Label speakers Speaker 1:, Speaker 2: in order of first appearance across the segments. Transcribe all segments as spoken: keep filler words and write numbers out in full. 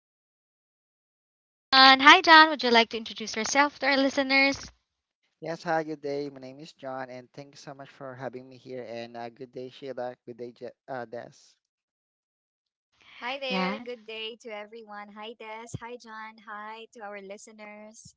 Speaker 1: Sheila and John. Hi, John. Would you like to introduce yourself to our listeners?
Speaker 2: Yes, hi, good day. My name is John, and thank you so much for having me here. And uh, good day, Sheila. Good day, Je- uh, Des.
Speaker 3: Hi there.
Speaker 1: Yeah.
Speaker 3: Good day to everyone. Hi, Des. Hi, John. Hi to our listeners.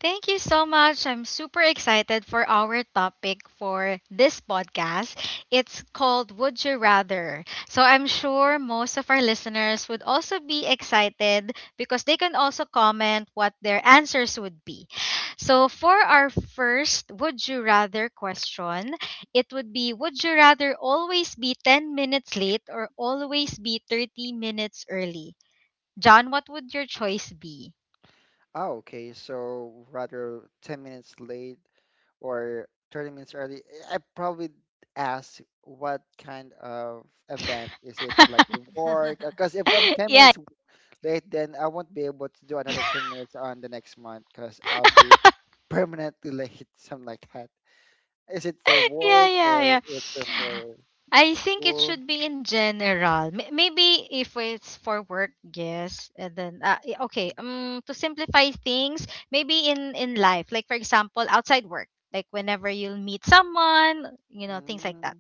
Speaker 1: Thank you so much. I'm super excited for our topic for this podcast. It's called Would You Rather. So I'm sure most of our listeners would also be excited because they can also comment what their answers would be. So for our first Would You Rather question, it would be, would you rather always be ten minutes late or always be thirty minutes early? John, what would your choice be?
Speaker 2: Oh, okay. So rather ten minutes late or thirty minutes early. I probably ask what kind of event is it like work? Because if I'm ten
Speaker 1: Yeah.
Speaker 2: minutes late, then I won't be able to do another ten minutes on the next month because I'll be permanently late, something like that. Is it for
Speaker 1: Yeah,
Speaker 2: work
Speaker 1: yeah,
Speaker 2: or
Speaker 1: yeah.
Speaker 2: is it for
Speaker 1: I think it
Speaker 2: school?
Speaker 1: should be in general. May- Maybe if it's for work, yes, and then uh, y- okay. Um, to simplify things, maybe in in life, like for example, outside work, like whenever you'll meet someone, you know, things like that.
Speaker 2: Mm.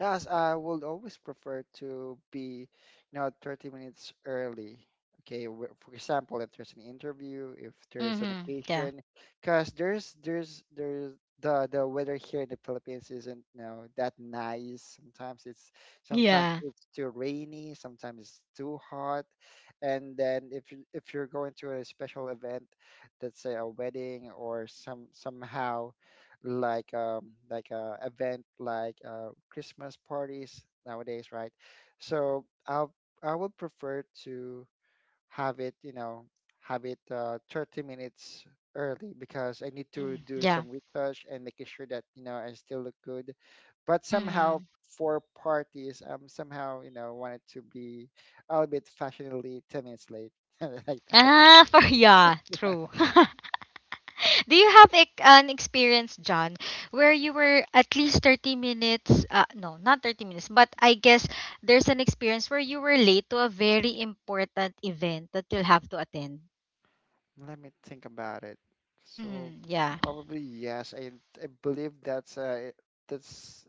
Speaker 2: Yes, I would always prefer to be, you know, thirty minutes early. Okay, wh- for example, if there's an interview, if there's an
Speaker 1: Mm-hmm. Yeah.
Speaker 2: occasion, because there's there's there's the the weather here in the Philippines isn't, you know, that nice. Sometimes it's sometimes
Speaker 1: Yeah.
Speaker 2: it's too rainy, sometimes it's too hot. And then if you if you're going to a special event, let's say a wedding or some somehow like um, like uh, event like uh, Christmas parties nowadays, right? So I'll I would prefer to have it, you know, have it uh, thirty minutes early because I need to
Speaker 1: Mm,
Speaker 2: do
Speaker 1: yeah.
Speaker 2: some research and making sure that you know I still look good. But somehow
Speaker 1: Mm.
Speaker 2: for parties, um, somehow you know wanted to be a little bit fashionably ten minutes late, like that.
Speaker 1: Ah, for yeah, true. Do you have ec- an experience, John, where you were at least thirty minutes, uh, no, not thirty minutes, but I guess there's an experience where you were late to a very important event that you'll have to attend?
Speaker 2: Let me think about it. So
Speaker 1: Mm, yeah.
Speaker 2: probably yes. I I believe that's uh it- that's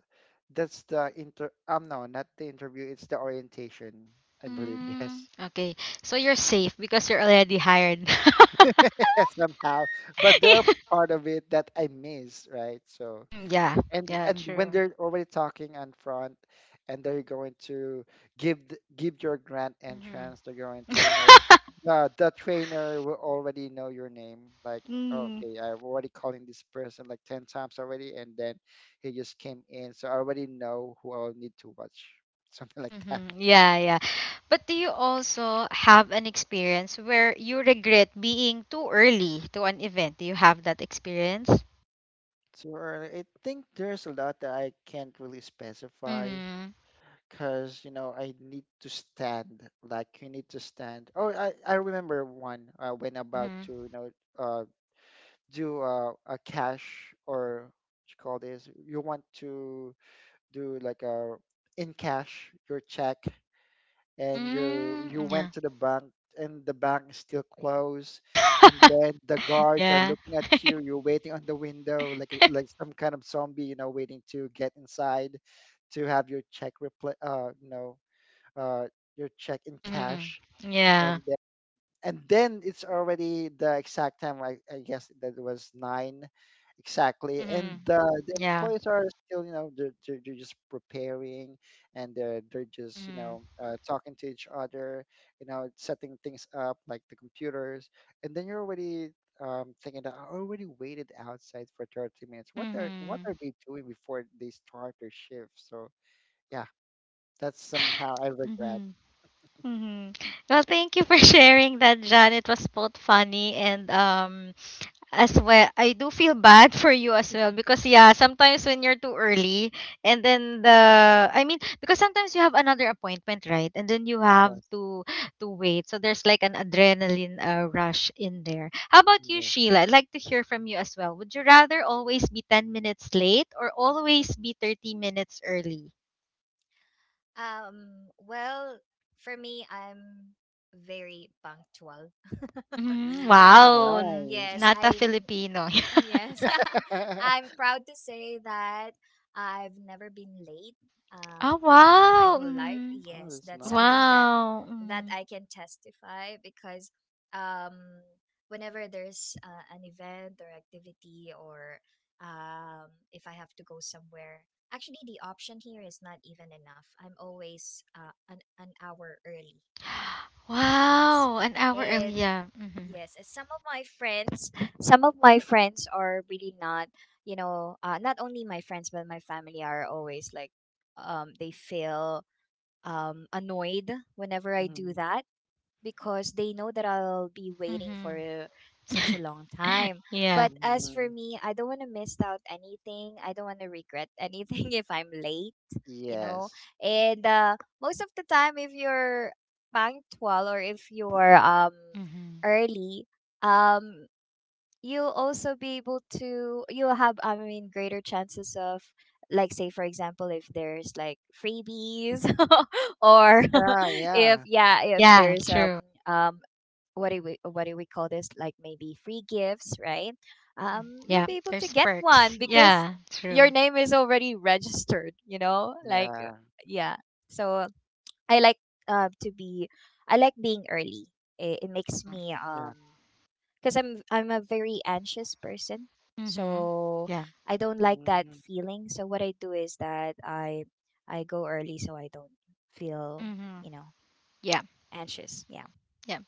Speaker 2: that's the inter um no, not the interview, it's the orientation. I believe
Speaker 1: Mm,
Speaker 2: yes.
Speaker 1: okay. So you're safe because you're already hired.
Speaker 2: Somehow. But they're part of it that I miss, right? So
Speaker 1: Mm, yeah.
Speaker 2: and
Speaker 1: Yeah,
Speaker 2: and when
Speaker 1: true.
Speaker 2: they're already talking in front and they're going to give th- give your grand
Speaker 1: Mhm.
Speaker 2: entrance, they're going to, you know, the the trainer will already know your name, like
Speaker 1: Mm.
Speaker 2: okay, I'm already calling this person like ten times already, and then he just came in, so I already know who I'll need to watch, something like that.
Speaker 1: Mm-hmm. Yeah, yeah. But do you also have an experience where you regret being too early to an event? Do you have that experience?
Speaker 2: So uh, I think there's a lot that I can't really specify
Speaker 1: Mm-hmm.
Speaker 2: because you know I need to stand. Like you need to stand. Oh, I I remember one uh, when about
Speaker 1: Mm-hmm.
Speaker 2: to, you know, uh do uh, a cash or what you call this. You want to do like a in cash your check, and you you
Speaker 1: Mm, yeah.
Speaker 2: went to the bank, and the bank is still closed, and then the guards are
Speaker 1: yeah.
Speaker 2: looking at you, you're waiting on the window like a- like some kind of zombie, you know, waiting to get inside to have your check repli- uh you know uh, your check in cash,
Speaker 1: Mm-hmm. Yeah.
Speaker 2: and then, and then it's already the exact time. I, I guess that was nine exactly,
Speaker 1: Mm-hmm.
Speaker 2: and uh, the
Speaker 1: Yeah.
Speaker 2: employees are still, you know, they're, they're, they're just preparing, and they're they're just, you
Speaker 1: Mm-hmm.
Speaker 2: know, uh, talking to each other, you know, setting things up like the computers, and then you're already. Um, thinking that I already waited outside for thirty minutes. What are what
Speaker 1: Mm-hmm.
Speaker 2: are they doing before they start their shift? So yeah, that's
Speaker 1: yeah.
Speaker 2: somehow I regret.
Speaker 1: Mm-hmm. Mm-hmm. Well, thank you for sharing that, John. It was both funny and um As well, I do feel bad for you as well because yeah, sometimes when you're too early and then the I mean because sometimes you have another appointment, right? And then you have
Speaker 2: Yes.
Speaker 1: to to wait. So there's like an adrenaline uh, rush in there. How about you,
Speaker 2: Mm-hmm.
Speaker 1: Sheila? I'd like to hear from you as well. Would you rather always be ten minutes late or always be thirty minutes early?
Speaker 3: um, Well, for me, I'm very punctual.
Speaker 1: Mm,
Speaker 2: Mm,
Speaker 3: I,
Speaker 1: wow, n-
Speaker 3: yes,
Speaker 1: not
Speaker 2: nice.
Speaker 1: a
Speaker 3: I'm
Speaker 1: Filipino.
Speaker 3: Yes, I'm proud to say that I've never been late uh,
Speaker 1: Ah,
Speaker 3: uh, my
Speaker 1: wow.
Speaker 3: whole life.
Speaker 1: Mm,
Speaker 2: Oh,
Speaker 3: Yes,
Speaker 2: that's
Speaker 3: that's something
Speaker 2: nice.
Speaker 3: that
Speaker 1: wow.
Speaker 3: that I can testify, because um, whenever there's uh, an event or activity, or um, if I have to go somewhere, actually the option here is not even enough. I'm always uh, an an hour early. Yes,
Speaker 1: Wow, an hour early.
Speaker 3: and
Speaker 1: Yeah. Mhm.
Speaker 3: Yes, and some of my friends, some of my friends are really not, you know, uh, not only my friends but my family are always like, um, they feel um annoyed whenever I do
Speaker 2: Mm,
Speaker 3: that, because they know that I'll be waiting for
Speaker 1: Mhm.
Speaker 3: uh, such a long time.
Speaker 1: Yeah.
Speaker 3: But as for
Speaker 2: mhm.
Speaker 3: me, I don't want to miss out anything. I don't want to regret anything if I'm late, you know.
Speaker 2: Yes.
Speaker 3: And uh, most of the time, if you're punctual, or if you're um
Speaker 1: Mhm.
Speaker 3: early, um you'll also be able to you'll have, I mean, greater chances of, like, say, for example, if there's, like, freebies, or
Speaker 2: Yeah,
Speaker 3: if
Speaker 2: yeah,
Speaker 3: yeah, if
Speaker 1: Yeah,
Speaker 3: there's um
Speaker 1: true.
Speaker 3: um what do we what do we call this, like, maybe free gifts, right?
Speaker 1: Mhm.
Speaker 3: Um you'll
Speaker 1: Yeah,
Speaker 3: be able to
Speaker 1: there's
Speaker 3: get
Speaker 1: perks.
Speaker 3: one because
Speaker 1: Yeah,
Speaker 3: your
Speaker 1: true.
Speaker 3: name is already registered, you know like,
Speaker 2: yeah,
Speaker 3: yeah. So, i like uh to be I like being early. It, it makes
Speaker 1: Mhm.
Speaker 3: me,
Speaker 2: yeah.
Speaker 3: um because I'm I'm a very anxious person.
Speaker 1: Mhm.
Speaker 3: So
Speaker 1: Yeah.
Speaker 3: I don't like that
Speaker 2: Mm,
Speaker 3: feeling. So, what I do is that I I go early, so I don't feel,
Speaker 1: Mhm.
Speaker 3: you know,
Speaker 1: Yeah.
Speaker 3: anxious. Yeah.
Speaker 1: Yeah.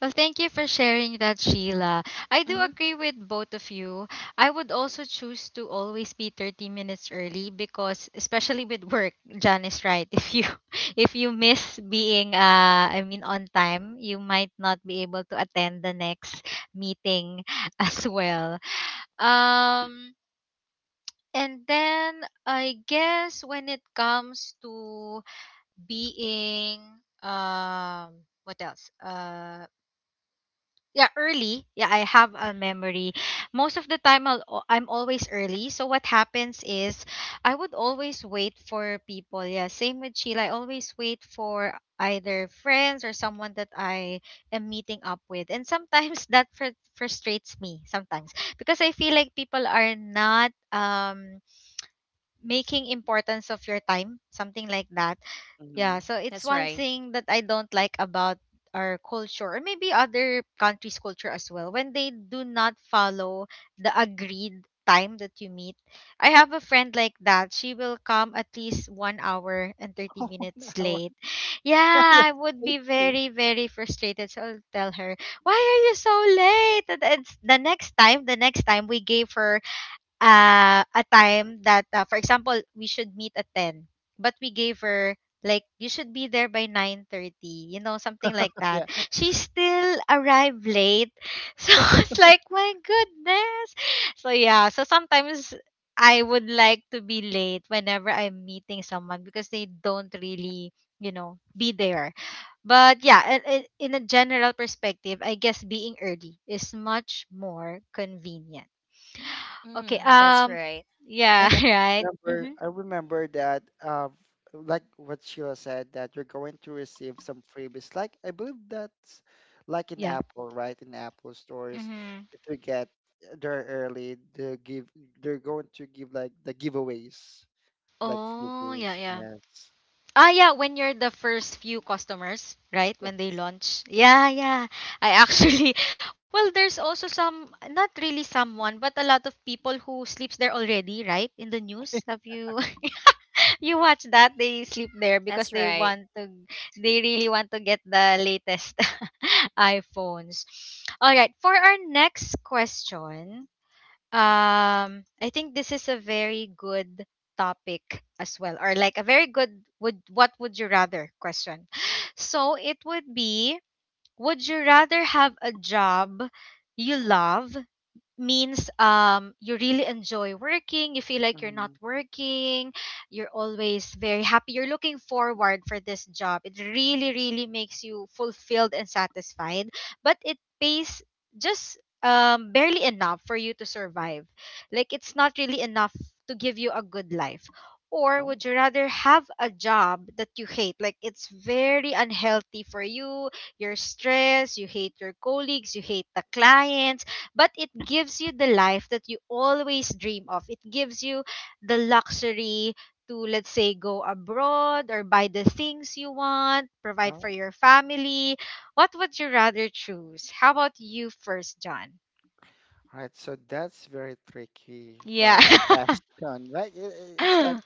Speaker 1: Well, thank you for sharing that, Sheila. I do
Speaker 3: Mhm.
Speaker 1: agree with both of you. I would also choose to always be thirty minutes early because especially with work, Jan is right. If you if you miss being uh I mean on time, you might not be able to attend the next meeting as well. Um and then I guess when it comes to being um what else? Uh yeah, early. Yeah, I have a memory. Most of the time I'll, al- I'm always early, so what happens is I would always wait for people. Yeah, same with Sheila, I always wait for either friends or someone that I am meeting up with, and sometimes that fr- frustrates me sometimes because I feel like people are not um making importance of your time, something like that. Yeah,
Speaker 2: hmm.
Speaker 1: so it's
Speaker 3: That's
Speaker 1: one
Speaker 3: right.
Speaker 1: thing that I don't like about our culture, or maybe other countries' culture as well, when they do not follow the agreed time that you meet. I have a friend like that. She will come at least one hour and thirty
Speaker 2: Oh, one
Speaker 1: minutes
Speaker 2: hour.
Speaker 1: late. Yeah,
Speaker 2: That's
Speaker 1: I would be
Speaker 2: crazy.
Speaker 1: very, very frustrated. So I'll tell her, why are you so late? And it's the next time, the next time we gave her uh, a time that, uh, for example, we should meet at ten, but we gave her like you should be there by nine thirty, you know, something like that.
Speaker 2: Yeah.
Speaker 1: She still arrived late. So it's like, my goodness. So yeah, so sometimes I would like to be late whenever I'm meeting someone because they don't really, you know, be there. But yeah, i- i- in a general perspective, I guess being early is much more convenient. Okay.
Speaker 3: Mhm. That's
Speaker 1: Um.
Speaker 3: right.
Speaker 1: Yeah.
Speaker 2: And I
Speaker 1: Right.
Speaker 2: remember,
Speaker 1: Mm-hmm.
Speaker 2: I remember that, uh, like what Sheila said, that you're going to receive some freebies. Like, I believe that's like in
Speaker 1: Yeah.
Speaker 2: Apple, right? In Apple stores,
Speaker 1: Mm-hmm.
Speaker 2: if you get there early, they give, they're going to give like the giveaways. Like
Speaker 1: Oh. Yeah.
Speaker 2: freebies,
Speaker 1: Yeah.
Speaker 2: yes.
Speaker 1: Ah. Yeah. When you're the first few customers, right? When they
Speaker 2: Yes.
Speaker 1: launch. Yeah. Yeah. I actually. Well, there's also some. Not really someone, but a lot of people who sleeps there already, right? In the news, have you you watch that? They sleep there because
Speaker 3: That's
Speaker 1: they
Speaker 3: right.
Speaker 1: want to. They really want to get the latest iPhones. All right. For our next question. Um, I think this is a very good topic as well, or like a very good would what would you rather question. So it would be, would you rather have a job you love, means um you really enjoy working, you feel like you're not
Speaker 2: Hmm.
Speaker 1: working, you're always very happy, you're looking forward for this job, it really really makes you fulfilled and satisfied, but it pays just um barely enough for you to survive, like it's not really enough to give you a good life? Or
Speaker 2: Oh,
Speaker 1: would you rather have a job that you hate, like it's very unhealthy for you, you're stressed, you hate your colleagues, you hate the clients, but it gives you the life that you always dream of. It gives you the luxury to, let's say, go abroad or buy the things you want, provide for
Speaker 2: oh.
Speaker 1: your family. What would you rather choose? How about you first, John?
Speaker 2: Right. So that's very tricky
Speaker 1: Yeah.
Speaker 2: uh question. Like it, it- it's like
Speaker 1: yeah.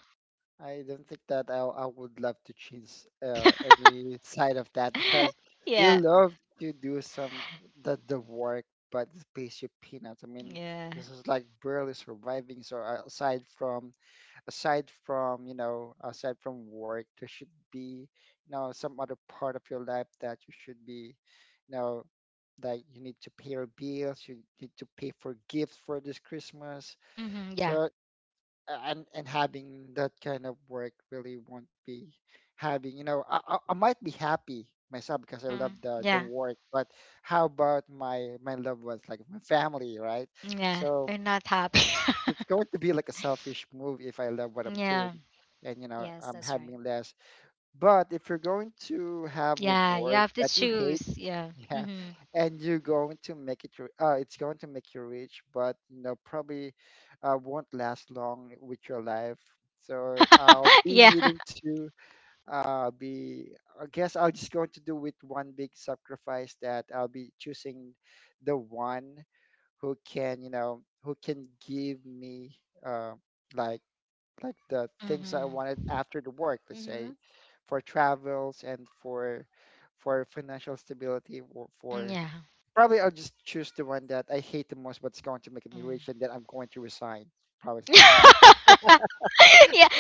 Speaker 2: I don't think that I I would love to choose uh, any side of that, because you love to do some the the work, but it pays you peanuts. I mean,
Speaker 1: Yeah.
Speaker 2: this is like barely surviving. So uh, aside from aside from, you know, aside from work, there should be, you know, some other part of your life that you should be, you know, like you need to pay your bills, you need to pay for gifts for this Christmas.
Speaker 1: Mm-hmm, yeah.
Speaker 2: So and and having that kind of work really won't be having, you know, i i, I might be happy myself because I love
Speaker 1: Mm-hmm,
Speaker 2: the the
Speaker 1: yeah.
Speaker 2: work, but how about my my loved ones, like my family, right?
Speaker 1: Yeah.
Speaker 2: So
Speaker 1: They're not happy.
Speaker 2: it's going to be like a selfish move if I love what I'm doing
Speaker 1: yeah.
Speaker 2: and you know
Speaker 3: Yes,
Speaker 2: I'm
Speaker 3: that's right.
Speaker 2: having less. But if you're going to have a
Speaker 1: Yeah. You
Speaker 2: work
Speaker 1: have to
Speaker 2: that you hate,
Speaker 1: choose. Yeah.
Speaker 2: yeah,
Speaker 1: Mm-hmm.
Speaker 2: and you're going to make it, ri- uh, it's going to make you rich, but you know probably uh, won't last long with your life. So I'll be
Speaker 1: yeah.
Speaker 2: needing to uh, be. I guess I'll just going to do with one big sacrifice that I'll be choosing the one who can, you know, who can give me uh, like like the things I wanted
Speaker 1: Mm-hmm.
Speaker 2: after the work, let's say,
Speaker 3: Mhm.
Speaker 2: for travels and for for financial stability or for
Speaker 1: Yeah.
Speaker 2: probably I'll just choose the one that I hate the most, but it's going to make me
Speaker 1: Mm.
Speaker 2: rich and then I'm going to resign. Probably s- something like
Speaker 1: Yeah,
Speaker 2: that.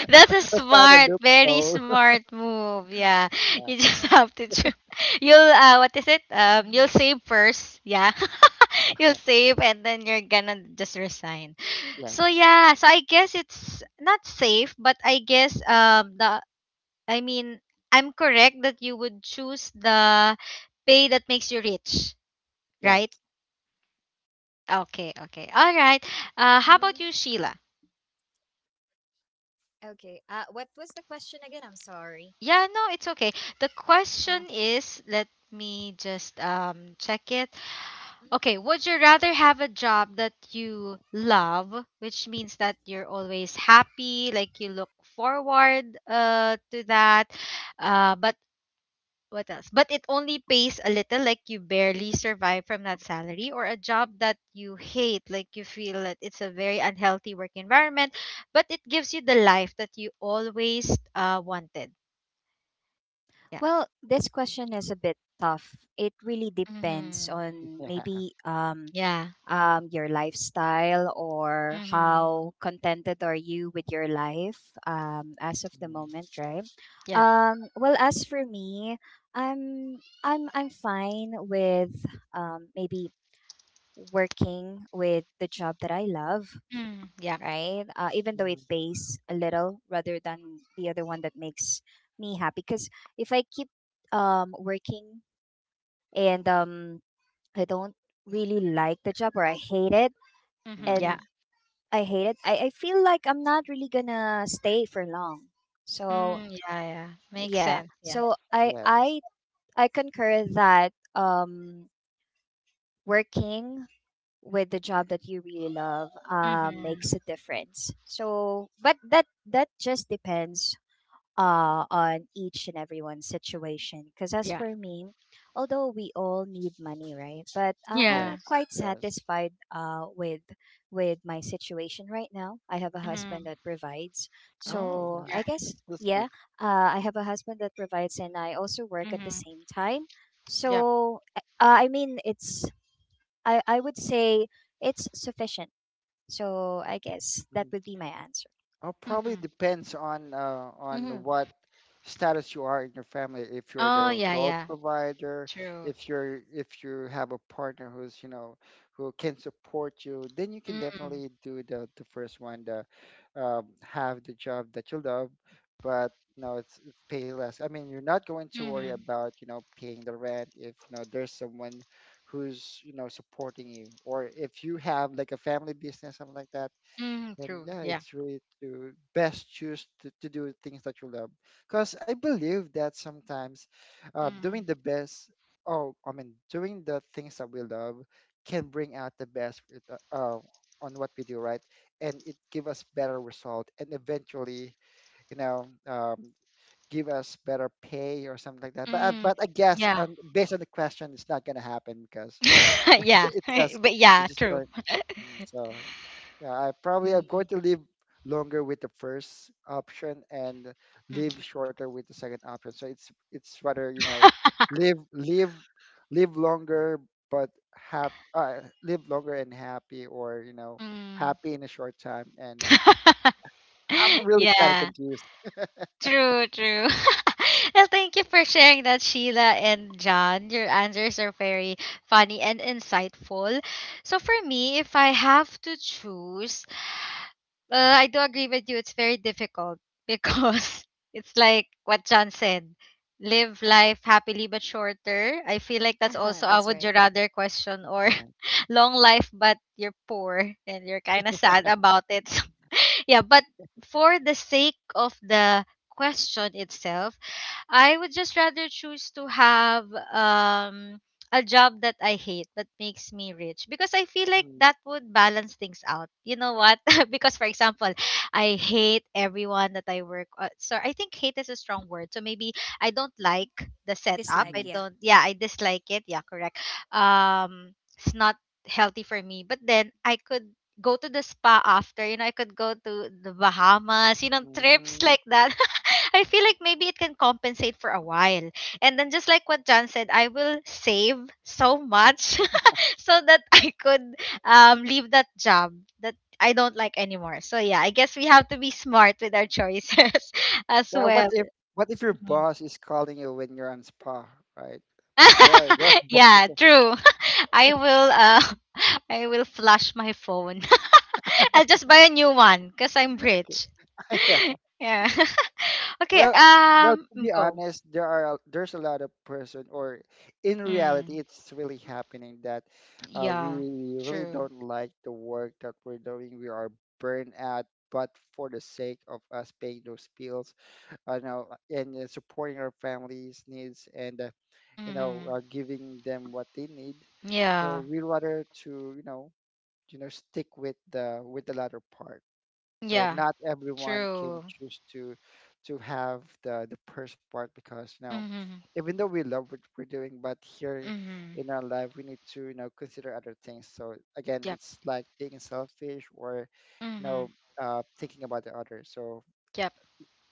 Speaker 1: that's a
Speaker 2: I found a
Speaker 1: smart, very
Speaker 2: loophole.
Speaker 1: smart move. Yeah,
Speaker 2: Yeah.
Speaker 1: you just have to. Tr- you'll uh, what is it? Um, you'll save first. Yeah, you'll
Speaker 2: uh,
Speaker 1: save and then you're gonna just resign. So
Speaker 2: yes.
Speaker 1: yeah, so I guess it's not safe, but I guess um the I mean I'm correct that you would choose the pay that makes you rich, right?
Speaker 2: Yes.
Speaker 1: Okay, okay, all right. Uh, how
Speaker 3: Mhm.
Speaker 1: about you, Sheila?
Speaker 3: Okay. Uh what was the question again? I'm sorry.
Speaker 1: Yeah, no, it's okay. The
Speaker 3: Uh,
Speaker 1: question is, let me just um check it.
Speaker 3: mhm.
Speaker 1: Okay, would you rather have a job that you love, which means that you're always happy, like you look forward uh to that, uh but what else? But it only pays a little, like you barely survive from that salary, or a job that you hate, like you feel that it's a very unhealthy work environment, but it gives you the life that you always uh wanted. Yeah.
Speaker 3: Well, this question is a bit tough. It really depends
Speaker 1: Mm-hmm.
Speaker 3: on,
Speaker 2: Yeah.
Speaker 3: maybe, um
Speaker 1: Yeah.
Speaker 3: um, your lifestyle, or
Speaker 1: Mhm.
Speaker 3: how contented are you with your life, um, as of the
Speaker 2: Mm,
Speaker 3: moment, right?
Speaker 1: Yeah.
Speaker 3: Um, well, as for me, I'm I'm I'm fine with, um, maybe, working with the job that I love,
Speaker 1: Mm. Yeah.
Speaker 3: right? Uh, even though
Speaker 2: mm,
Speaker 3: it pays a little, rather than the other one that makes me happy. Because if I keep um, working, and um, I don't really like the job, or I hate it,
Speaker 1: Mhm. Yeah.
Speaker 2: mm.
Speaker 3: and I hate it. I, I feel like I'm not really gonna stay for long. So,
Speaker 1: Mm. Yeah. Yeah. Makes
Speaker 3: yeah.
Speaker 1: sense. Yeah.
Speaker 3: So, I
Speaker 2: Yes.
Speaker 3: I I concur that, um working with the job that you really love, um
Speaker 1: Mhm.
Speaker 3: makes a difference. So, but that that just depends, uh, on each and everyone's situation. Because as
Speaker 1: Yeah.
Speaker 3: for me, although we all need money, right? But uh, I'm, uh,
Speaker 1: Yeah.
Speaker 2: Yes.
Speaker 3: quite
Speaker 2: Yes.
Speaker 3: satisfied, uh, with with my situation right now. I have a husband
Speaker 1: Mhm.
Speaker 3: that provides,
Speaker 1: Mhm.
Speaker 2: Oh, yeah.
Speaker 3: so
Speaker 1: Yeah.
Speaker 3: I guess,
Speaker 2: That's that's
Speaker 3: yeah,
Speaker 2: good.
Speaker 3: uh, I have a husband that provides, and I also work at the
Speaker 1: Mhm.
Speaker 3: same time.
Speaker 1: Yep.
Speaker 3: So, eh, uh, I mean, it's I I would say it's sufficient. So I guess that
Speaker 2: Mm-hmm.
Speaker 3: would be my answer.
Speaker 2: Oh, probably
Speaker 1: Mhm.
Speaker 2: depends on uh, on what status you are in your family. If you're
Speaker 1: Oh
Speaker 2: the
Speaker 1: yeah.
Speaker 2: sole
Speaker 1: Yeah.
Speaker 2: provider,
Speaker 1: True.
Speaker 2: if you're if you have a partner who's, you know, who can support you, then you can
Speaker 1: Mm.
Speaker 2: definitely do the the first one. The um, have the job that you love, but no, it's it's pay less. I mean, you're not going to worry
Speaker 1: Mhm.
Speaker 2: about you know paying the rent if you know there's someone who's you know supporting you, or if you have like a family business, something like that.
Speaker 1: Mm.
Speaker 2: And
Speaker 1: True.
Speaker 2: yeah,
Speaker 1: Yeah.
Speaker 2: it's really to best choose to, to do things that you love. Because I believe that sometimes uh,
Speaker 1: Mm.
Speaker 2: doing the best, oh, I mean, doing the things that we love can bring out the best with, uh, uh, on what we do, right? And it give us better result, and eventually, you know, um, give us better pay or something like that. But, uh,
Speaker 1: Mm.
Speaker 2: but I guess
Speaker 1: Yeah.
Speaker 2: um, based on the question, it's not going to happen because
Speaker 1: yeah.
Speaker 2: it just,
Speaker 1: But
Speaker 2: it
Speaker 1: yeah.
Speaker 2: just
Speaker 1: True.
Speaker 2: going, mm, so yeah, I probably I'm going
Speaker 1: Mm.
Speaker 2: to live longer with the first option and live
Speaker 1: Mhm.
Speaker 2: shorter with the second option. So it's it's rather, you know, live live live longer but hap uh, live longer and happy or, you know,
Speaker 1: Mm.
Speaker 2: happy in a short time, and I'm really kind of
Speaker 1: yeah.
Speaker 2: confused.
Speaker 1: True, true. Well, thank you for sharing that, Sheila and John. Your answers are very funny and insightful. So, for me, if I have to choose, uh, I do agree with you, it's very difficult because it's like what John said, live life happily but shorter. I feel like that's
Speaker 3: Mm-hmm.
Speaker 1: also a
Speaker 3: That's
Speaker 1: would you
Speaker 3: right.
Speaker 1: rather question, or
Speaker 2: Yeah.
Speaker 1: long life but you're poor and you're kind of sad about it. Yeah, but for the sake of the question itself, I would just rather choose to have um a job that I hate but makes me rich because I feel like
Speaker 2: Mhm,
Speaker 1: that would balance things out. You know what? Because for example, I hate everyone that I work uh, so I think hate is a strong word. So maybe I don't like the setup.
Speaker 3: Dislike,
Speaker 1: I
Speaker 2: mhm,
Speaker 3: yeah.
Speaker 1: don't Yeah, I dislike it. Yeah, correct. Um it's not healthy for me. But then I could go to the spa after, you know, I could go to the Bahamas, you know, trips
Speaker 2: mm.
Speaker 1: like that. I feel like maybe it can compensate for a while. And then just like what John said, I will save so much so that I could um leave that job that I don't like anymore. So yeah, I guess we have to be smart with our choices as
Speaker 2: Yeah, what
Speaker 1: well.
Speaker 2: if what if your
Speaker 1: Mm.
Speaker 2: boss is calling you when you're on spa, right? There are there are
Speaker 1: Yeah,
Speaker 2: bosses.
Speaker 1: true. I will uh I will flush my phone. I'll just buy a new one because I'm rich. yeah. Okay,
Speaker 2: Well, well,
Speaker 1: um
Speaker 2: to be
Speaker 1: go.
Speaker 2: honest, there are uh, there's a lot of person, or in reality,
Speaker 1: Mm.
Speaker 2: it's really happening that uh,
Speaker 1: Yeah,
Speaker 2: we really
Speaker 1: true.
Speaker 2: don't like the work that we're doing. We are burned out, but for the sake of us paying those bills, uh, you know, and uh, supporting our families' needs, and uh, you know, uh,
Speaker 1: Hmm.
Speaker 2: giving them what they need. So
Speaker 1: Yeah,
Speaker 2: we rather to, you know, you know, stick with the with the latter part. So
Speaker 1: yeah,
Speaker 2: not everyone can
Speaker 1: true.
Speaker 2: choose to to have the the first part because you know,
Speaker 1: Hmm.
Speaker 2: even though we love what we're doing, but here
Speaker 1: Hmm.
Speaker 2: in our life we need to you know consider other things. So again,
Speaker 1: Yep.
Speaker 2: it's like being selfish or you
Speaker 1: Hmm.
Speaker 2: know uh, thinking about the other. So
Speaker 1: Yep.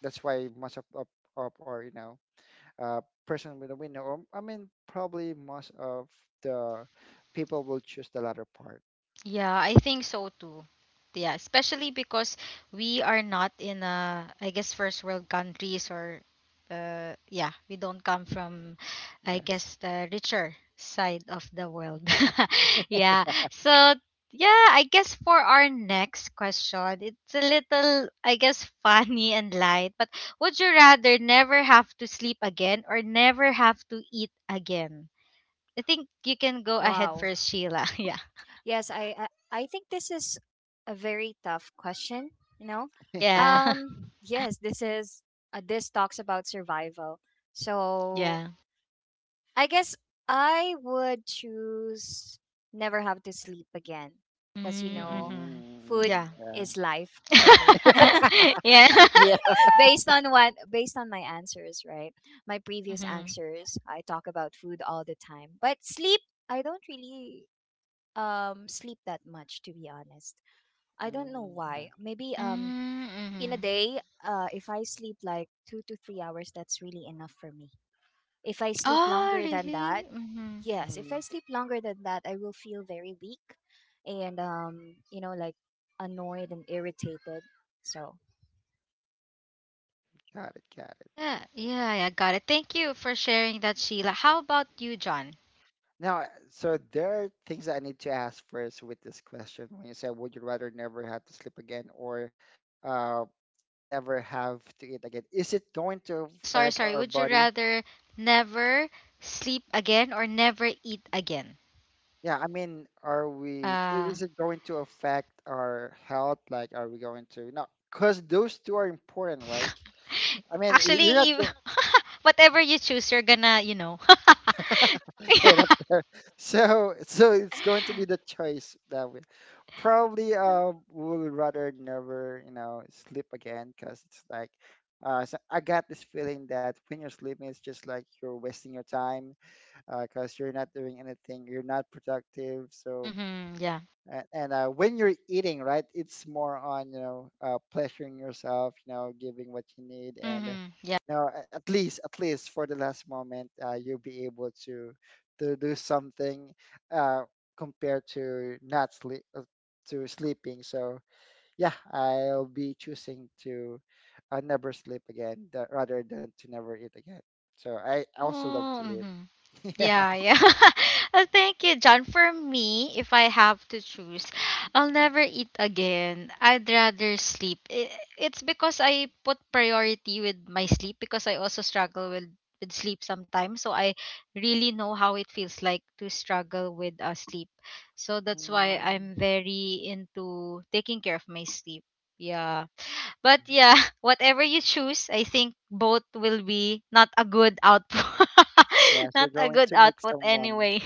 Speaker 2: that's why most of of, of our you know uh, person with a window, or I mean probably most of the people will choose the latter part.
Speaker 1: Yeah, I think so too. Yeah, especially because we are not in a, I guess, first world countries, or, uh, yeah, we don't come from, I
Speaker 2: Yes.
Speaker 1: guess, the richer side of the world. yeah. So, yeah, I guess for our next question, it's a little, I guess, funny and light, but would you rather never have to sleep again or never have to eat again? I think you can go ahead
Speaker 3: Wow.
Speaker 1: first, Sheila. Yeah.
Speaker 3: Yes, I I I think this is a very tough question, you know.
Speaker 1: Yeah.
Speaker 3: Um yes, this is uh, this talks about survival. So,
Speaker 1: Yeah.
Speaker 3: I guess I would choose never have to sleep again, because, you
Speaker 1: Mm,
Speaker 3: know,
Speaker 1: mhm.
Speaker 3: food
Speaker 2: Mhm.
Speaker 1: Yeah.
Speaker 2: Yeah.
Speaker 3: is life for me.
Speaker 1: Yeah.
Speaker 2: yeah.
Speaker 3: Based on what based on my answers, right? My previous
Speaker 1: Mhm.
Speaker 3: answers, I talk about food all the time, but sleep, I don't really, um sleep that much, to be honest. I don't know
Speaker 2: Mm,
Speaker 3: why. Maybe um
Speaker 1: Mm,
Speaker 3: in a
Speaker 1: mhm.
Speaker 3: day, uh if I sleep like two to three hours, that's really enough for me. If I sleep
Speaker 1: Oh,
Speaker 3: longer than
Speaker 1: really?
Speaker 3: that,
Speaker 1: Mhm.
Speaker 3: yes, if
Speaker 2: mm,
Speaker 3: I sleep longer than that, I will feel very weak, and um you know like, annoyed and irritated. So,
Speaker 2: got it, got it.
Speaker 1: Yeah, yeah, I got it. Thank you for sharing that, Sheila. How about you, John?
Speaker 2: Now, uh, so there are things I need to ask first with this question. When you say, would you rather never have to sleep again or uh, never have to eat again? Is it going to
Speaker 1: Yeah, sorry,
Speaker 2: affect
Speaker 1: sorry.
Speaker 2: our
Speaker 1: Would you
Speaker 2: body?
Speaker 1: rather never sleep again or never eat again?
Speaker 2: Yeah, I mean, are we, i-
Speaker 1: Uh,
Speaker 2: is it going to affect our health? Like, are we going to, no, because those two are important, right? I mean, y-
Speaker 1: actually,
Speaker 2: you're not,
Speaker 1: if, whatever you choose, you're gonna, you know.
Speaker 2: straight up
Speaker 1: Yeah.
Speaker 2: there. So, so it's going to be the choice that we probably uh would rather never, you know, sleep again, because it's like, uh, so I got this feeling that when you're sleeping, it's just like you're wasting your time, because you're not doing anything, you're not productive. So
Speaker 1: Mm-hmm, yeah.
Speaker 2: a- and uh, when you're eating right, it's more on you know uh, pleasuring yourself, you know, giving what you need, and uh,
Speaker 1: Mm-hmm.
Speaker 2: you know a- at least at least for the last moment uh, you'll be able to to do something uh, compared to not sleep uh, to sleeping. So yeah, I'll be choosing to uh, never sleep again tha- rather than to never eat again. So I also love to
Speaker 1: Oh,
Speaker 2: eat.
Speaker 1: mhm.
Speaker 2: Yeah.
Speaker 1: Yeah, yeah. Uh, Thank you, John. For me, if I have to choose, I'll never eat again. I'd rather sleep. I- It's because I put priority with my sleep because I also struggle with with sleep sometimes. So I really know how it feels like to struggle with uh, sleep. So that's why
Speaker 2: Mm-hmm.
Speaker 1: I'm very into taking care of my sleep. Yeah. But yeah, whatever you choose, I think both will be not a good output.
Speaker 2: Yes, you're
Speaker 1: Not a
Speaker 2: going
Speaker 1: good
Speaker 2: to meet
Speaker 1: output
Speaker 2: someone.
Speaker 1: anyway.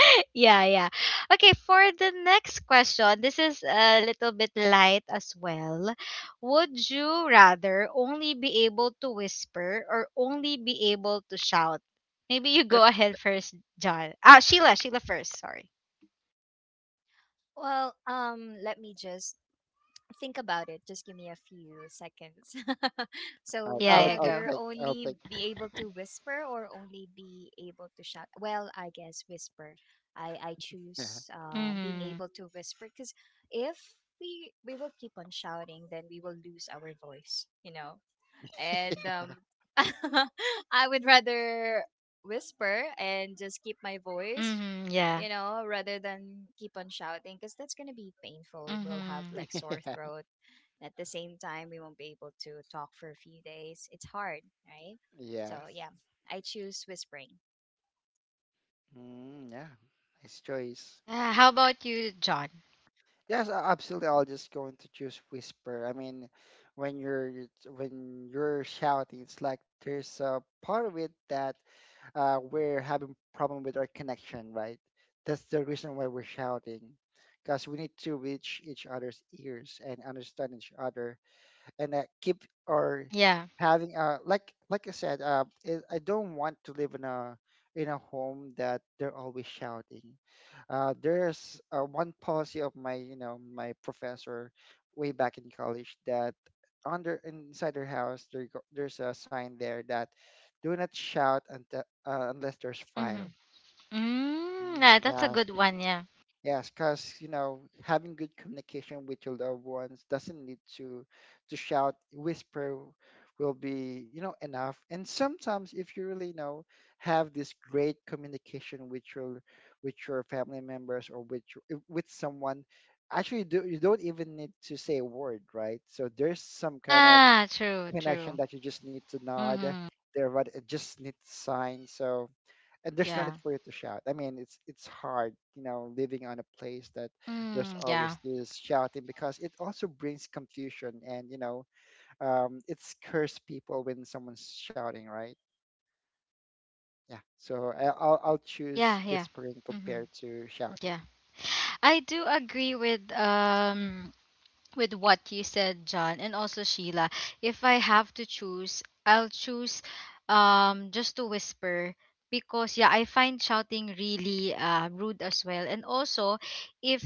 Speaker 1: Yeah, yeah. Okay, for the next question, this is a little bit light as well. Would you rather only be able to whisper or only be able to shout? Maybe you go ahead first, John. Ah, Sheila, Sheila first, sorry.
Speaker 3: well, um let me just think about it. Just give me a few seconds. So,
Speaker 2: I'll,
Speaker 3: would
Speaker 1: Yeah,
Speaker 3: you
Speaker 2: I'll,
Speaker 1: yeah,
Speaker 2: I'll
Speaker 1: go.
Speaker 3: rather
Speaker 2: take, I'll
Speaker 3: only
Speaker 2: take,
Speaker 3: be able to whisper, or only be able to shout? Well, I guess whisper. I I
Speaker 2: yeah.
Speaker 3: choose, uh, being
Speaker 1: Mhm.
Speaker 3: able to whisper, because if we we will keep on shouting, then we will lose our voice. You know, and um, I would rather whisper and just keep my voice,
Speaker 1: Mhm, yeah.
Speaker 3: you know, rather than keep on shouting, because that's gonna be painful. We'll have,
Speaker 1: Mhm.
Speaker 3: like, sore
Speaker 2: Yeah.
Speaker 3: throat. At the same time, we won't be able to talk for a few days. It's hard, right? So,
Speaker 2: Yes.
Speaker 3: yeah, I choose whispering.
Speaker 2: Mm, yeah, nice choice.
Speaker 1: Yeah, how about you, John?
Speaker 2: Yes, a- absolutely. I'll just going to choose whisper. I mean, when you're it's- when you're shouting, it's like there's a part of it that uh, we're having problem with our connection, right? That's the reason why we're shouting, because we need to reach each other's ears and understand each other and uh, keep or
Speaker 1: Yeah.
Speaker 2: having a like like I said, uh, it, I don't want to live in a in a home that they're always shouting. Uh, there's uh, one policy of my you know my professor way back in college that under inside their house there go- there's a sign there that do not shout until, uh, unless there's fire.
Speaker 1: Mhm. Mm,
Speaker 2: Mm,
Speaker 1: yeah, that's a
Speaker 2: yes.
Speaker 1: good one, yeah.
Speaker 2: Yes, because you know, having good communication with your loved ones doesn't need to to shout, whisper will be, you know, enough. And sometimes if you really you know have this great communication with your with your family members or with your, with someone, actually do you don't even need to say a word, right? So there's some kind of
Speaker 1: Yeah, true,
Speaker 2: connection
Speaker 1: true.
Speaker 2: that you just need to nod,
Speaker 1: Mhm.
Speaker 2: there, but it just need sign. So and there's no need
Speaker 1: Yeah.
Speaker 2: for you to shout. I mean, it's it's hard, you know, living on a place that there's
Speaker 1: Mm, yeah.
Speaker 2: always this shouting because it also brings confusion and you know, um, it scares people when someone's shouting, right? Yeah. So I, I'll I'll choose
Speaker 1: Yeah, yeah.
Speaker 2: whispering
Speaker 1: Mhm.
Speaker 2: compared to shouting.
Speaker 1: Yeah. I do agree with um with what you said, John, and also Sheila. If I have to choose, I'll choose um just to whisper, because yeah, I find shouting really uh rude as well. And also, if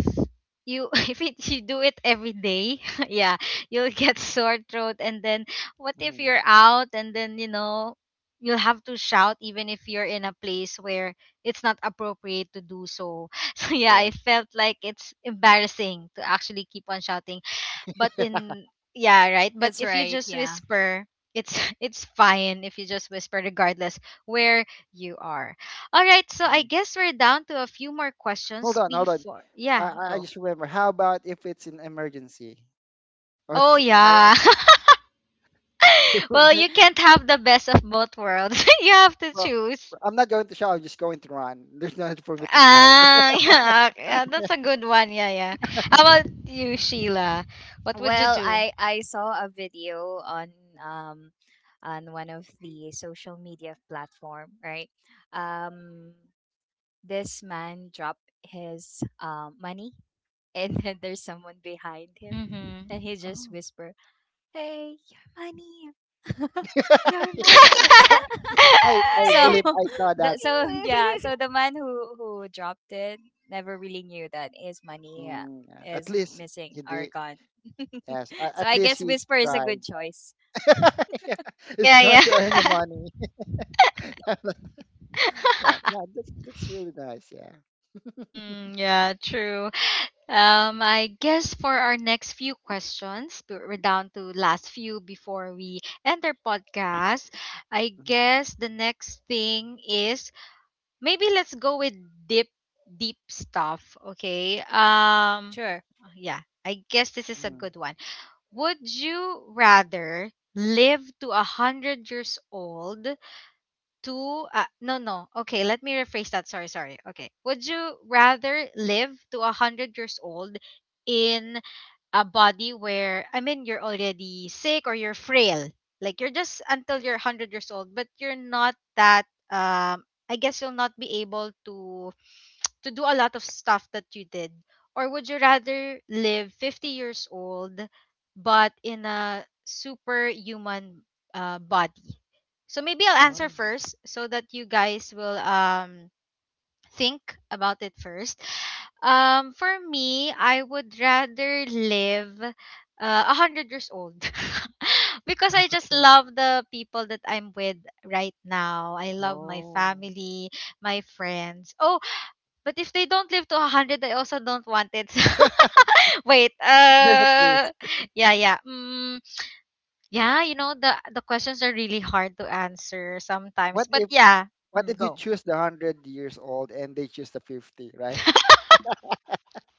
Speaker 1: you if it, you do it every day, yeah, you'll get sore throat. And then what if
Speaker 2: Hmm.
Speaker 1: you're out, and then you know you'll have to shout even if you're in a place where it's not appropriate to do so. So yeah,
Speaker 2: Yeah.
Speaker 1: I felt like it's embarrassing to actually keep on shouting, but in, yeah, right, but
Speaker 3: That's
Speaker 1: if you
Speaker 3: right.
Speaker 1: just
Speaker 3: Yeah.
Speaker 1: whisper, it's it's fine if you just whisper regardless where you are. All right, so I
Speaker 2: Mhm.
Speaker 1: guess we're down to a few more questions
Speaker 2: Hold on, hold on.
Speaker 1: before,
Speaker 2: I
Speaker 1: yeah,
Speaker 2: I I
Speaker 1: go.
Speaker 2: just remember. How about if it's an emergency? Oh,
Speaker 1: Oh,
Speaker 2: it's, well,
Speaker 1: yeah. Well, you can't have the best of both worlds. You have to
Speaker 2: well,
Speaker 1: choose.
Speaker 2: I'm not going to shout. I'm just going to run. There's no need for me to shout.
Speaker 1: Ah. Yeah, yeah, that's a good one. Yeah, yeah. How about you, Sheila? What would you
Speaker 3: Well,
Speaker 1: do?
Speaker 3: I I saw a video on, um on one of the social media platform, right? Um this man dropped his, uh, money, and then there's someone behind him, and
Speaker 1: Mm-hmm.
Speaker 3: he just
Speaker 2: Oh.
Speaker 3: whisper, hey, your money, your money.
Speaker 2: I I
Speaker 3: So,
Speaker 2: believe I saw
Speaker 3: the,
Speaker 2: that.
Speaker 3: so yeah, so the man who who dropped it never really knew that his money, uh,
Speaker 2: Mm, yeah, at
Speaker 3: is
Speaker 2: least
Speaker 3: missing
Speaker 2: he
Speaker 3: or
Speaker 2: did.
Speaker 3: gone.
Speaker 2: Yes, uh,
Speaker 3: So
Speaker 2: at
Speaker 3: I
Speaker 2: least
Speaker 3: guess
Speaker 2: he
Speaker 3: whisper is a
Speaker 2: tried.
Speaker 3: good choice.
Speaker 2: Yeah, it's
Speaker 1: Yeah,
Speaker 2: going to earn you
Speaker 1: yeah.
Speaker 2: money. Yeah, yeah, that's that's really nice. Yeah.
Speaker 1: Mm-hmm, yeah, true. Um, I guess for our next few questions, b- we're down to last few before we end our podcast. I
Speaker 2: Mhm,
Speaker 1: guess the next thing is, maybe let's go with deep, deep stuff. Okay. Um,
Speaker 3: Sure.
Speaker 1: yeah, I guess this is a
Speaker 2: mhm.
Speaker 1: good one. Would you rather live to a hundred years old, to uh, no, no, okay, let me rephrase that. Sorry, sorry. Okay, would you rather live to a hundred years old in a body where, I mean, you're already sick or you're frail, like you're just until you're one hundred years old, but you're not that, um I guess you'll not be able to to do a lot of stuff that you did, or would you rather live fifty years old but in a superhuman uh, body? So maybe I'll answer
Speaker 2: Oh,
Speaker 1: first so that you guys will um think about it first. Um for me, I would rather live uh, one hundred years old, because I just
Speaker 2: okay.
Speaker 1: love the people that I'm with right now. I love my
Speaker 2: Oh,
Speaker 1: family, my friends. Oh, but if they don't live to one hundred, I also don't want it. Wait.
Speaker 2: there's a
Speaker 1: Uh
Speaker 2: twist.
Speaker 1: yeah, yeah. Mm, yeah, you know, the the questions are really hard to answer sometimes.
Speaker 2: What
Speaker 1: But
Speaker 2: if
Speaker 1: yeah,
Speaker 2: what if
Speaker 1: mm,
Speaker 2: you
Speaker 1: go.
Speaker 2: choose the hundred years old and they choose the fifty, right?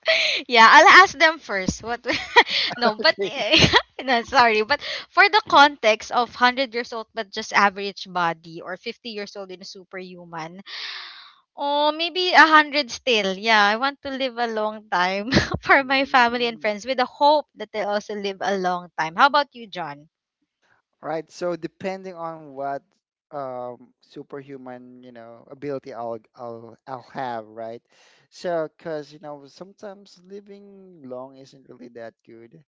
Speaker 1: Yeah, I'll ask them first. What? No, but
Speaker 2: Okay.
Speaker 1: eh, no, sorry. But for the context of hundred years old but just average body, or fifty years old in superhuman, or maybe a hundred still. Yeah, I want to live a long time for my family and
Speaker 2: Mm.
Speaker 1: friends with the hope that they also live a long time. How about you, John?
Speaker 2: All right. So depending on what um, superhuman, you know, ability I'll I'll I'll have, right? So, because you know, sometimes living long isn't really that good.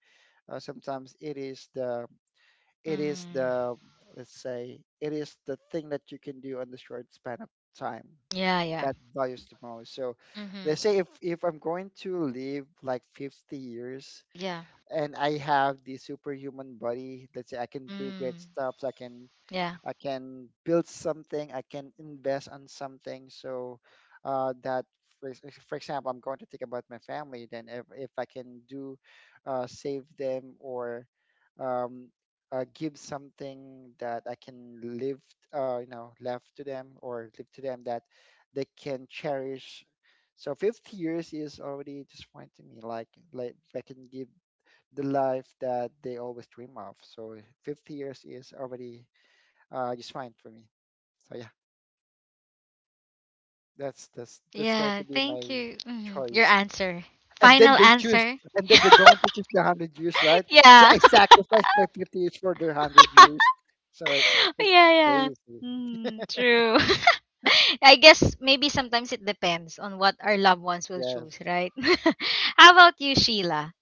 Speaker 2: Uh, sometimes it is the it is
Speaker 1: Mm,
Speaker 2: the let's say it is the thing that you can do on the short span of time
Speaker 1: yeah, yeah.
Speaker 2: that values the most. So,
Speaker 1: Mm-hmm.
Speaker 2: let's say if if I'm going to live like fifty years,
Speaker 1: Yeah.
Speaker 2: and I have the superhuman body. Let's say I can do great
Speaker 1: Mm,
Speaker 2: stuff. I can,
Speaker 1: yeah.
Speaker 2: I can build something. I can invest on something. So uh, that, for, ex- for example, I'm going to think about my family. Then if if I can do, uh, save them, or um, uh, give something that I can live, uh, you know, left to them or leave to them that they can cherish. So fifty years is already disappointing me. Like, like if I can give the life that they always dream of. So fifty years is already uh, just fine for me. So yeah, that's that's that's going
Speaker 1: Yeah,
Speaker 2: to be
Speaker 1: thank
Speaker 2: my
Speaker 1: you. Mhm. Your
Speaker 2: choice.
Speaker 1: answer.
Speaker 2: And then
Speaker 1: Final
Speaker 2: they choose,
Speaker 1: answer?
Speaker 2: and then they're going to choose the one hundred years, right? So
Speaker 1: Yeah.
Speaker 2: I sacrificed my fifty years for their one hundred years. So it's
Speaker 1: Yeah, yeah.
Speaker 2: crazy.
Speaker 1: Mm, true. I guess maybe sometimes it depends on what our loved ones will
Speaker 2: Yes.
Speaker 1: choose, right? How about you, Sheila?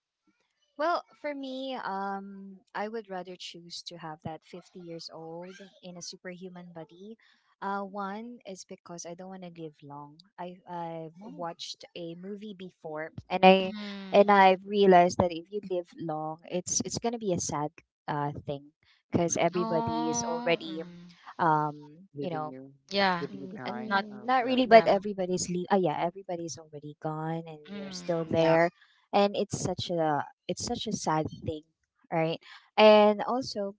Speaker 3: Well, for me, um, I would rather choose to have that fifty years old in a superhuman body. Uh, one is because I don't want to live long. I I've
Speaker 2: Oh.
Speaker 3: watched a movie before, and I
Speaker 1: Mm-hmm.
Speaker 3: and I've realized that if you live long, it's it's gonna be a sad uh thing, because
Speaker 2: Mm,
Speaker 3: everybody is
Speaker 1: Oh,
Speaker 3: already,
Speaker 1: mm.
Speaker 3: um you
Speaker 2: leaving
Speaker 3: know
Speaker 2: you,
Speaker 1: Yeah.
Speaker 2: leaving you
Speaker 3: Mm, and
Speaker 2: behind.
Speaker 1: Not,
Speaker 2: Uh,
Speaker 3: not
Speaker 2: yeah.
Speaker 3: really, but
Speaker 1: yeah.
Speaker 3: everybody's leave. Ah, yeah, everybody's already gone, and you're still
Speaker 1: Mm, yeah.
Speaker 3: there, and it's such a it's such a sad thing, right? And also,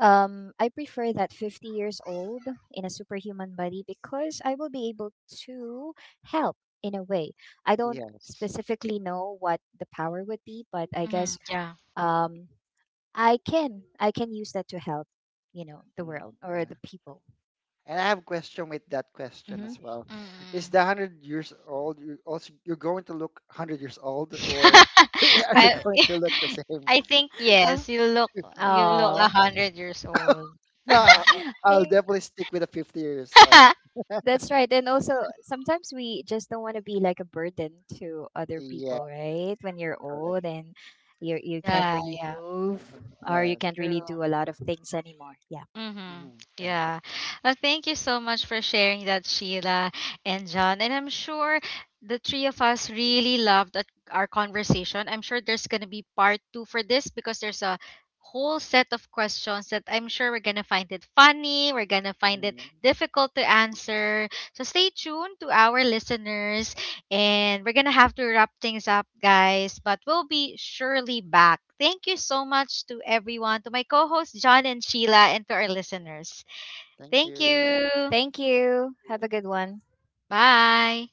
Speaker 3: um, I prefer that fifty years old in a superhuman body, because I will be able to help in a way. I don't
Speaker 2: Yes.
Speaker 3: specifically know what the power would be, but I
Speaker 1: Mm-hmm.
Speaker 3: guess,
Speaker 1: Yeah.
Speaker 3: um, I can I can use that to help, you know, the
Speaker 2: Mm,
Speaker 3: world or
Speaker 2: yeah.
Speaker 3: the people.
Speaker 2: And I have question with that question
Speaker 3: Mm-hmm.
Speaker 2: as well. Is
Speaker 1: Mm-hmm.
Speaker 2: the hundred years old you also you're going to look hundred years old, or are you
Speaker 1: I,
Speaker 2: going to look the same?
Speaker 1: I think yes. You look, you
Speaker 2: I
Speaker 1: look
Speaker 2: mean,
Speaker 1: a
Speaker 3: Oh.
Speaker 2: eh,
Speaker 1: hundred years old.
Speaker 2: no, I-
Speaker 3: Mm.
Speaker 2: I'll
Speaker 3: I-
Speaker 2: definitely stick with the fifty years old.
Speaker 3: That's right. And also, sometimes we just don't want to be like a burden to other
Speaker 2: Yeah,
Speaker 3: people, right? When you're
Speaker 2: correct.
Speaker 3: old and you you can't
Speaker 1: Yeah,
Speaker 3: really
Speaker 1: yeah,
Speaker 3: move,
Speaker 2: Mm,
Speaker 3: or you
Speaker 2: yes.
Speaker 3: can't really
Speaker 1: true.
Speaker 3: do a lot of things anymore. Yeah.
Speaker 1: Mm-hmm.
Speaker 2: Hmm. Yeah.
Speaker 1: Yeah. Well, thank you so much for sharing that, Sheila and John. And I'm sure the three of us really loved that- our conversation. I'm sure there's going to be part two for this, because there's a whole set of questions that I'm sure we're going to find it funny, we're going to find it
Speaker 2: Hmm.
Speaker 1: difficult to answer. So stay tuned to our listeners, and we're going to have to wrap things up, guys, but we'll be surely back. Thank you so much to everyone, to my co hosts, John and Sheila, and to our listeners.
Speaker 2: Thank
Speaker 1: Thank
Speaker 2: you.
Speaker 1: you.
Speaker 3: Thank
Speaker 2: Thank you.
Speaker 3: you.
Speaker 2: Thank
Speaker 3: Have a
Speaker 2: you.
Speaker 3: good one.
Speaker 1: Bye.